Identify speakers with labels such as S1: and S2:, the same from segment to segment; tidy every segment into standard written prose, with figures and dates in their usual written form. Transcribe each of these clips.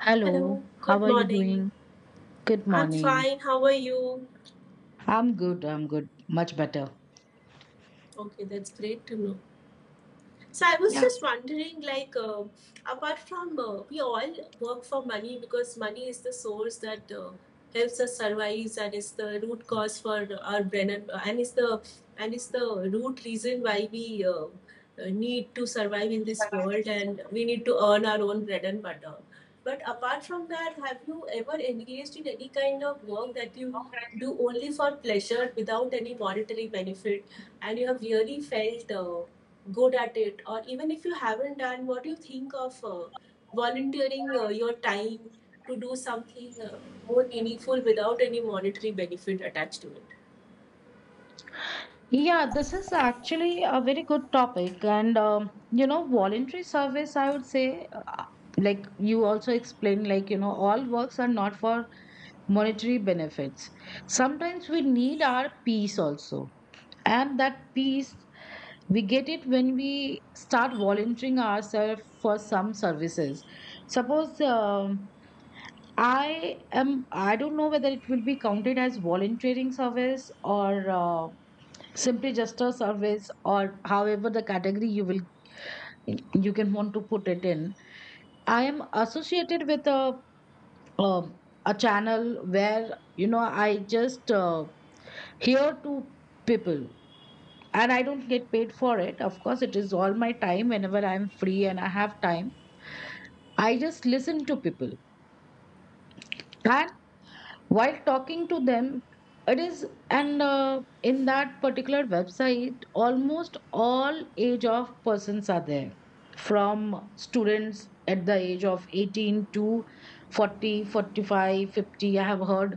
S1: Hello,
S2: Hello, good
S1: how are you
S2: morning.
S1: doing? Good
S2: I'm
S1: morning.
S2: fine. How are you?
S1: I'm good. I'm good. Much better.
S2: Okay, that's great to know. So I was
S1: Yeah.
S2: just wondering, like, apart from we all work for money because money is the source that helps us survive and is the root cause for our brain and is the root reason why we need to survive in this world, and we need to earn our own bread and butter. But apart from that, have you ever engaged in any kind of work that you do only for pleasure without any monetary benefit, and you have really felt good at it? Or even if you haven't done, what do you think of volunteering your time to do something more meaningful without any monetary benefit attached to it?
S1: Yeah, this is actually a very good topic. And, you know, voluntary service, I would say, like you also explained, like, you know, all works are not for monetary benefits. Sometimes we need our peace also. And that peace, we get it when we start volunteering ourselves for some services. Suppose, I am, I don't know whether it will be counted as volunteering service or simply just a service, or however the category you will, you can want to put it in. I am associated with um a channel where, you know, I just hear to people, and I don't get paid for it. Of course, it is all my time whenever I'm free and I have time. I just listen to people. And while talking to them it is, and in that particular website almost all age of persons are there, from students at the age of 18 to 40, 45, 50. I have heard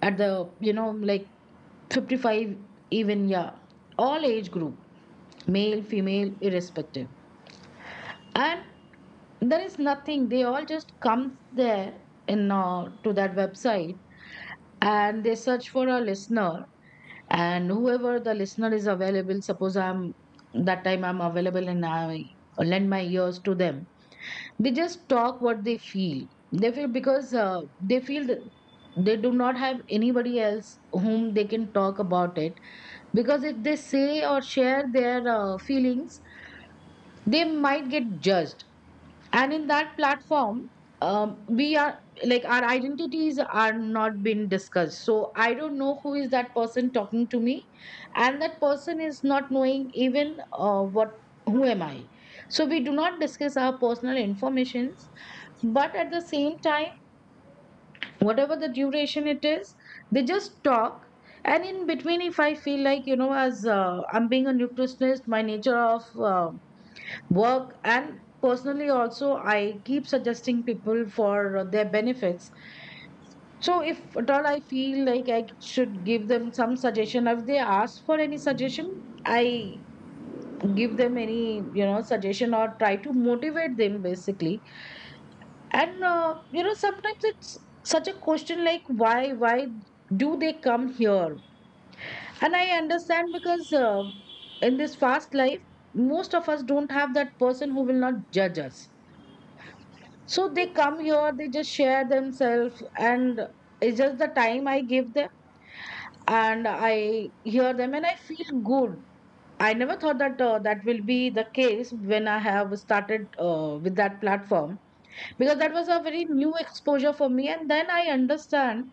S1: at the, you know, like 55 even. Yeah, all age group, male female irrespective. And there is nothing, they all just come there in to that website, and they search for a listener, and whoever the listener is available. Suppose I'm, that time I'm available, and I lend my ears to them. They just talk what they feel. They feel because they feel that they do not have anybody else whom they can talk about it, because if they say or share their feelings they might get judged. And in that platform, we are, like our identities are not being discussed, so I don't know who is that person talking to me, and that person is not knowing even what, who am I. So we do not discuss our personal informations, but at the same time, whatever the duration it is, they just talk. And in between if I feel like, you know, as I'm being a nutritionist, my nature of uh, work and personally also I keep suggesting people for their benefits. So if at all I feel like I should give them some suggestion, if they ask for any suggestion, I give them any, you know, suggestion or try to motivate them basically. And you know sometimes it's such a question like why do they come here. And I understand, because in this fast life most of us don't have that person who will not judge us. So they come here, they just share themselves, and it's just the time I give them, and I hear them, and I feel good. I never thought that that will be the case when I have started with that platform, because that was a very new exposure for me, and then I understand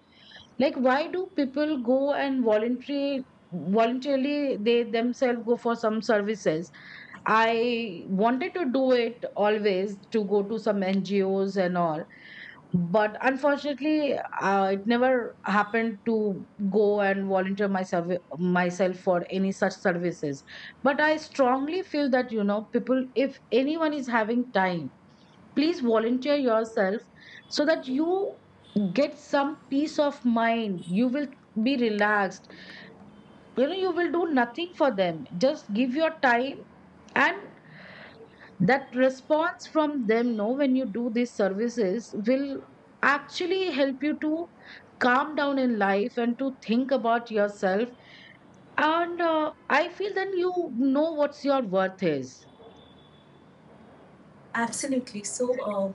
S1: like why do people go and voluntary voluntarily they themselves go for some services. I wanted to do it always, to go to some NGOs and all, but unfortunately it never happened to go and volunteer myself for any such services. But I strongly feel that, you know, people, if anyone is having time, please volunteer yourself so that you get some peace of mind. You will be relaxed. You know, you will do nothing for them, just give your time. And that response from them, know, when you do these services will actually help you to calm down in life and to think about yourself. And I feel then you know what's your worth is.
S2: Absolutely. So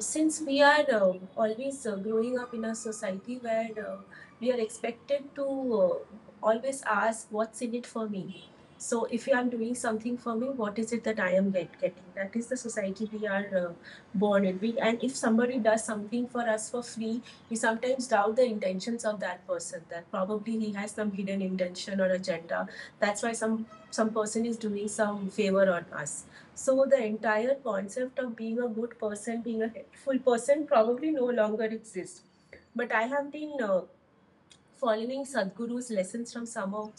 S2: since we are always growing up in a society where we are expected to uh, always ask what's in it for me. So if I'm doing something for me, what is it that I am getting? That is the society we are born in, and if somebody does something for us for free, we sometimes doubt the intentions of that person, that probably he has some hidden intention or agenda, that's why some person is doing some favor on us. So the entire concept of being a good person, being a helpful person, probably no longer exists. But I have been following Sadhguru's lessons from some of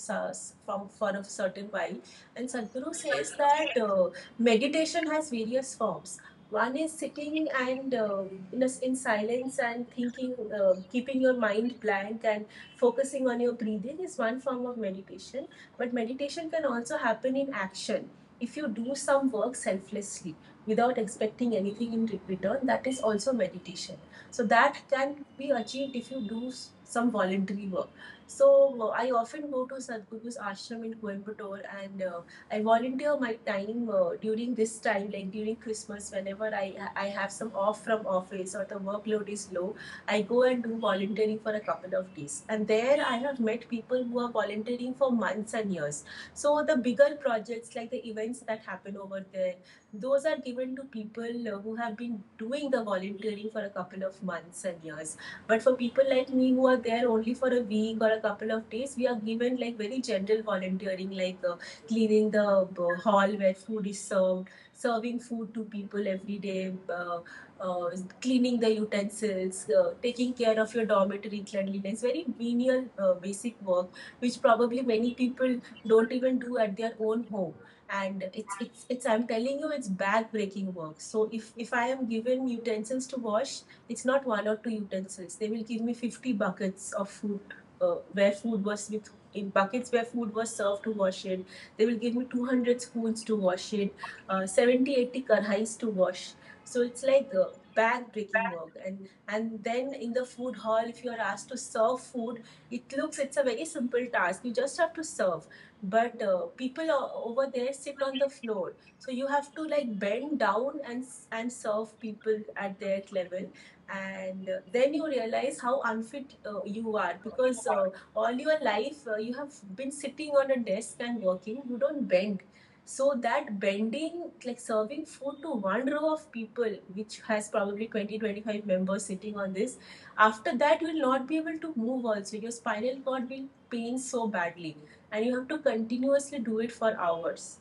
S2: from for a certain while, and Sadhguru says that meditation has various forms. One is sitting and in, a s in silence and thinking, keeping your mind blank and focusing on your breathing is one form of meditation. But meditation can also happen in action. If you do some work selflessly without expecting anything in return, that is also meditation. So that can be achieved if you do some voluntary work. So I often go to Sadhguru's ashram in Coimbatore, and I volunteer my time during this time, like during Christmas. Whenever I have some off from office or the workload is low, I go and do volunteering for a couple of days. And there I have met people who are volunteering for months and years. So the bigger projects, like the events that happen over there, those are given to people who have been doing the volunteering for a couple of months and years. But for people like me who are there only for a week or a couple of days, we are given like very general volunteering, like cleaning the hall where food is served, serving food to people every day, uh, cleaning the utensils, taking care of your dormitory cleanliness. Very menial basic work, which probably many people don't even do at their own home. And it's I'm telling you, it's back-breaking work. So if I am given utensils to wash, it's not one or two utensils. They will give me 50 buckets of food, where food was with in buckets, where food was served, to wash it. They will give me 200 spoons to wash it, 70 80 karhais to wash. So it's like back-breaking work. And then, in the food hall, if you are asked to serve food, it looks, it's a very simple task, you just have to serve. But people over there sit on the floor, so you have to, like, bend down and and serve people at their level. And then you realize how unfit you are, because all your life you have been sitting on a desk and working, you don't bend. So that bending, like serving food to one row of people, which has probably 20, 25 members sitting on this, after that you will not be able to move. Also, your spinal cord will pain so badly, and you have to continuously do it for hours.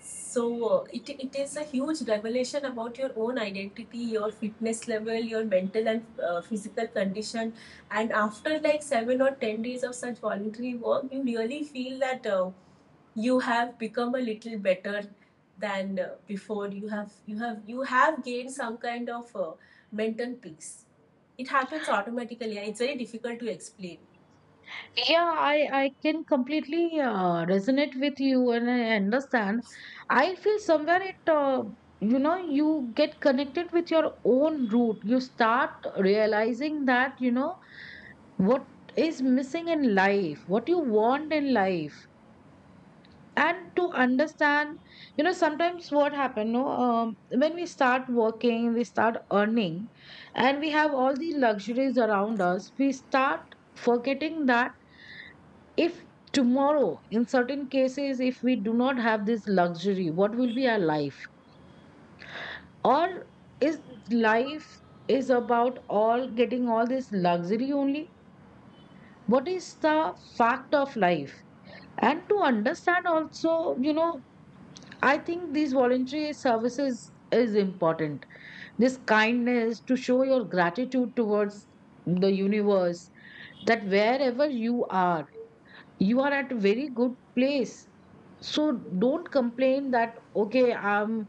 S2: So it is a huge revelation about your own identity, your fitness level, your mental and physical condition. And after like 7 or 10 days of such voluntary work, you really feel that you have become a little better than before. You have gained some kind of mental peace. It happens automatically, and it's very difficult to explain.
S1: Yeah, I can completely resonate with you, and I understand. I feel somewhere it you know, you get connected with your own root. You start realizing that, you know, what is missing in life, what you want in life. And to understand, you know, sometimes what happen, no, when we start working, we start earning, and we have all the luxuries around us, we start forgetting that if tomorrow in certain cases if we do not have this luxury, what will be our life? Or is life is about all getting all this luxury only? What is the fact of life? And to understand also, you know, I think these voluntary services is important. This kindness to show your gratitude towards the universe, that wherever you are at a very good place. So don't complain that, okay, I'm,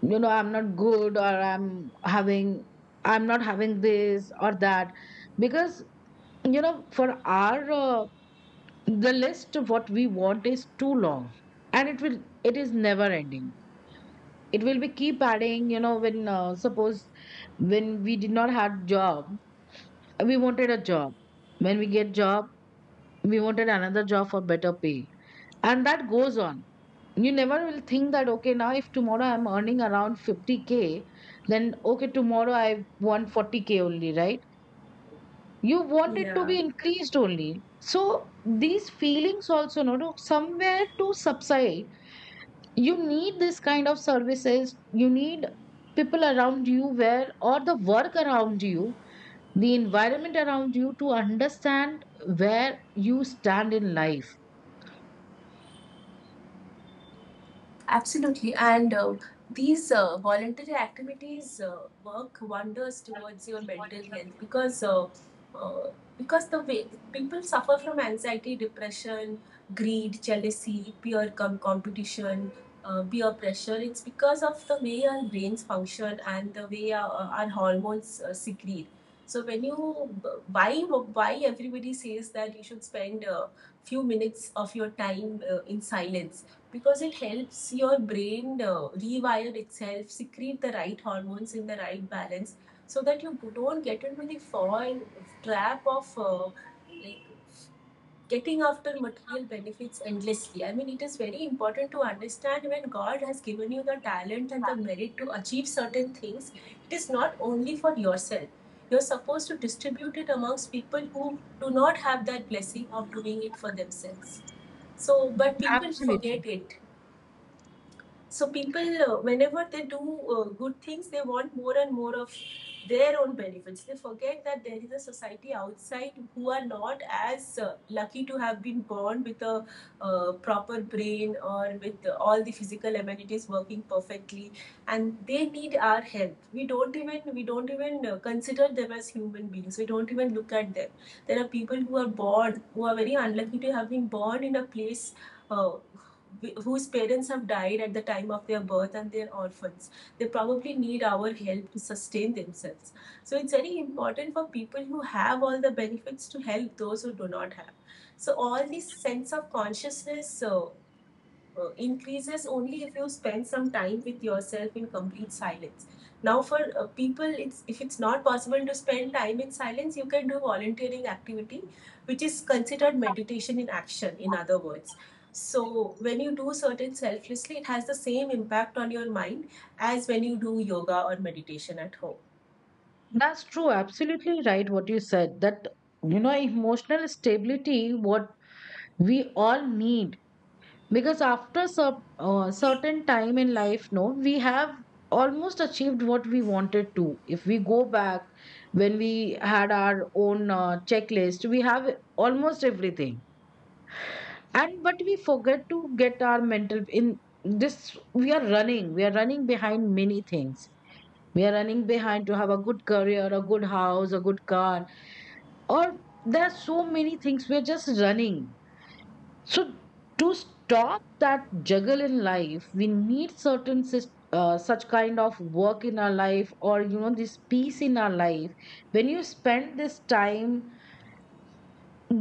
S1: you know, I'm not good, or I'm having, I'm not having this or that. Because, you know, for our, the list of what we want is too long, and it will, it is never ending. It will be keep adding, you know, when suppose when we did not have job, we wanted a job. When we get job, we wanted another job for better pay, and that goes on. You never will think that okay now if tomorrow I'm earning around 50K, then okay tomorrow I want 40K only, right? You want it to
S2: Yeah.
S1: be increased only. So these feelings also, no, somewhere to subside, you need this kind of services, you need people around you, where or the work around you, the environment around you, to understand where you stand in life.
S2: Absolutely. And these voluntary activities work wonders towards your mental health, because uh, because the way people suffer from anxiety, depression, greed, jealousy, peer competition, peer pressure, it's because of the way our brains function and the way our hormones secrete. So when you why everybody says that you should spend a few minutes of your time in silence, because it helps your brain rewire itself, secrete the right hormones in the right balance, so that you don't get into the fall trap of like getting after material benefits endlessly. I mean, it is very important to understand, when God has given you the talent and the merit to achieve certain things, it is not only for yourself. You're supposed to distribute it amongst people who do not have that blessing of doing it for themselves. So, but people
S1: Absolutely.
S2: forget it. So people, whenever they do good things, they want more and more of their own benefits. They forget that there is a society outside who are not as lucky to have been born with a proper brain or with all the physical amenities working perfectly, and they need our help. We don't even consider them as human beings. We don't even look at them. There are people who are born, who are very unlucky to have been born in a place. Uh, Whose parents have died at the time of their birth, and they're orphans. They probably need our help to sustain themselves. So it's very important for people who have all the benefits to help those who do not have. So all this sense of consciousness increases only if you spend some time with yourself in complete silence. Now for people, it's not possible to spend time in silence, you can do volunteering activity, which is considered meditation in action, in other words. So when you do certain selflessly, it has the same impact on your mind as when you do yoga or meditation at home.
S1: That's true, absolutely right, what you said, that, you know, emotional stability what we all need. Because after a certain time in life, no, we have almost achieved what we wanted to. If we go back, when we had our own checklist, we have almost everything. And but we forget to get our mental in this. We are running, we are running behind many things. We are running behind to have a good career, a good house, a good car, or there are so many things we're just running. So, to stop that juggle in life, we need certain such kind of work in our life, or, you know, this peace in our life. When you spend this time,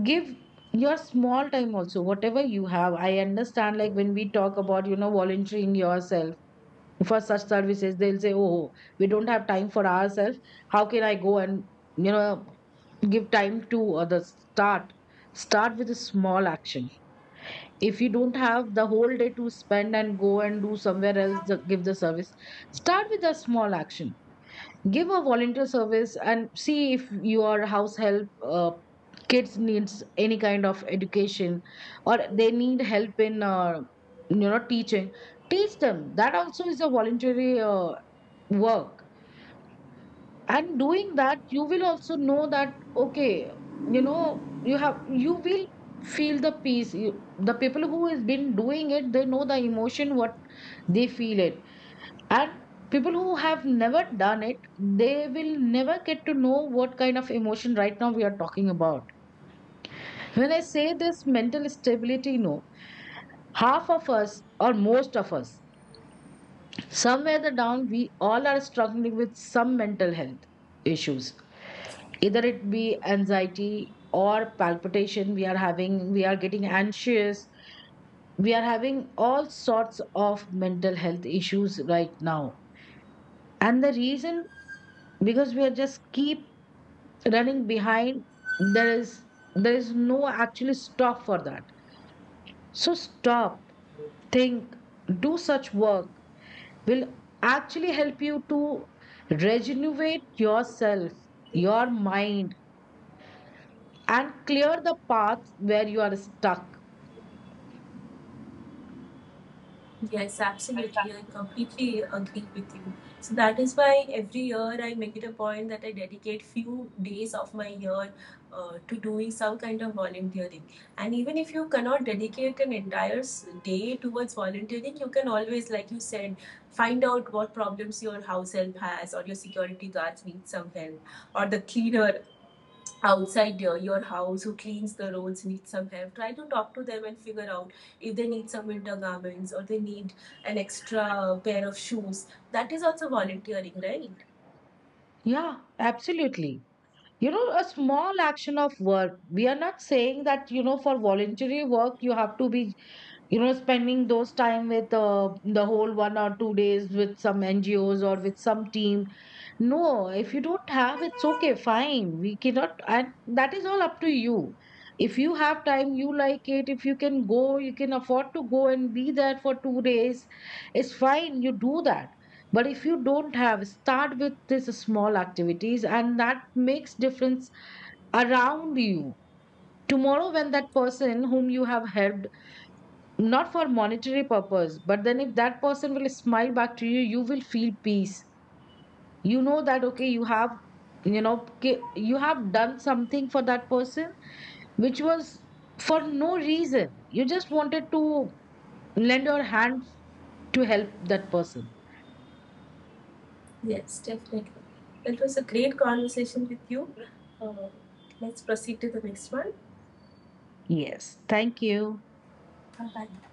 S1: give your small time also, whatever you have. I understand, like, when we talk about, you know, volunteering yourself for such services, they'll say, oh, we don't have time for ourselves, how can I go and, you know, give time to others? Start with a small action. If you don't have the whole day to spend and go and do somewhere else give the service, start with a small action. Give a volunteer service, and see if your house help uh, kids needs any kind of education, or they need help in, you know, teaching, teach them. That also is a voluntary work. And doing that you will also know that okay, you know, you have, you will feel the peace you, the people who has been doing it they know the emotion what they feel it. And people who have never done it they will never get to know what kind of emotion right now we are talking about. When I say this mental stability, no, half of us or most of us somewhere the down we all are struggling with some mental health issues, either it be anxiety or palpitation, we are having, we are getting anxious, we are having all sorts of mental health issues right now. And the reason, because we are just keep running behind. there is there is no actually stop for that. So stop, think, do such work will actually help you to regenerate yourself, your mind, and clear the path where you are stuck.
S2: Yes, absolutely. I completely agree with you. So that is why every year I make it a point that I dedicate few days of my year to doing some kind of volunteering. And even if you cannot dedicate an entire day towards volunteering, you can always, like you said, find out what problems your house help has, or your security guards need some help, or the cleaner outside your house who cleans the roads need some help. Try to talk to them and figure out if they need some winter garments or they need an extra pair of shoes. That is also volunteering, right?
S1: Yeah, absolutely. You know, a small action of work. We are not saying that, you know, for voluntary work, you have to be, you know, spending those time with the whole 1 or 2 days with some NGOs or with some team. No, if you don't have, it's okay, fine. We cannot, and that is all up to you. If you have time, you like it. If you can go, you can afford to go and be there for 2 days, it's fine. You do that. But if you don't have, start with these small activities, and that makes difference around you. Tomorrow, when that person whom you have helped, not for monetary purpose, but then if that person will smile back to you, you will feel peace, you know, that okay you have, you know, you have done something for that person, which was for no reason, you just wanted to lend your hand to help that person.
S2: Yes, definitely. It was a great conversation with you. uh, let's proceed to the next one.
S1: Yes, thank you.
S2: Bye.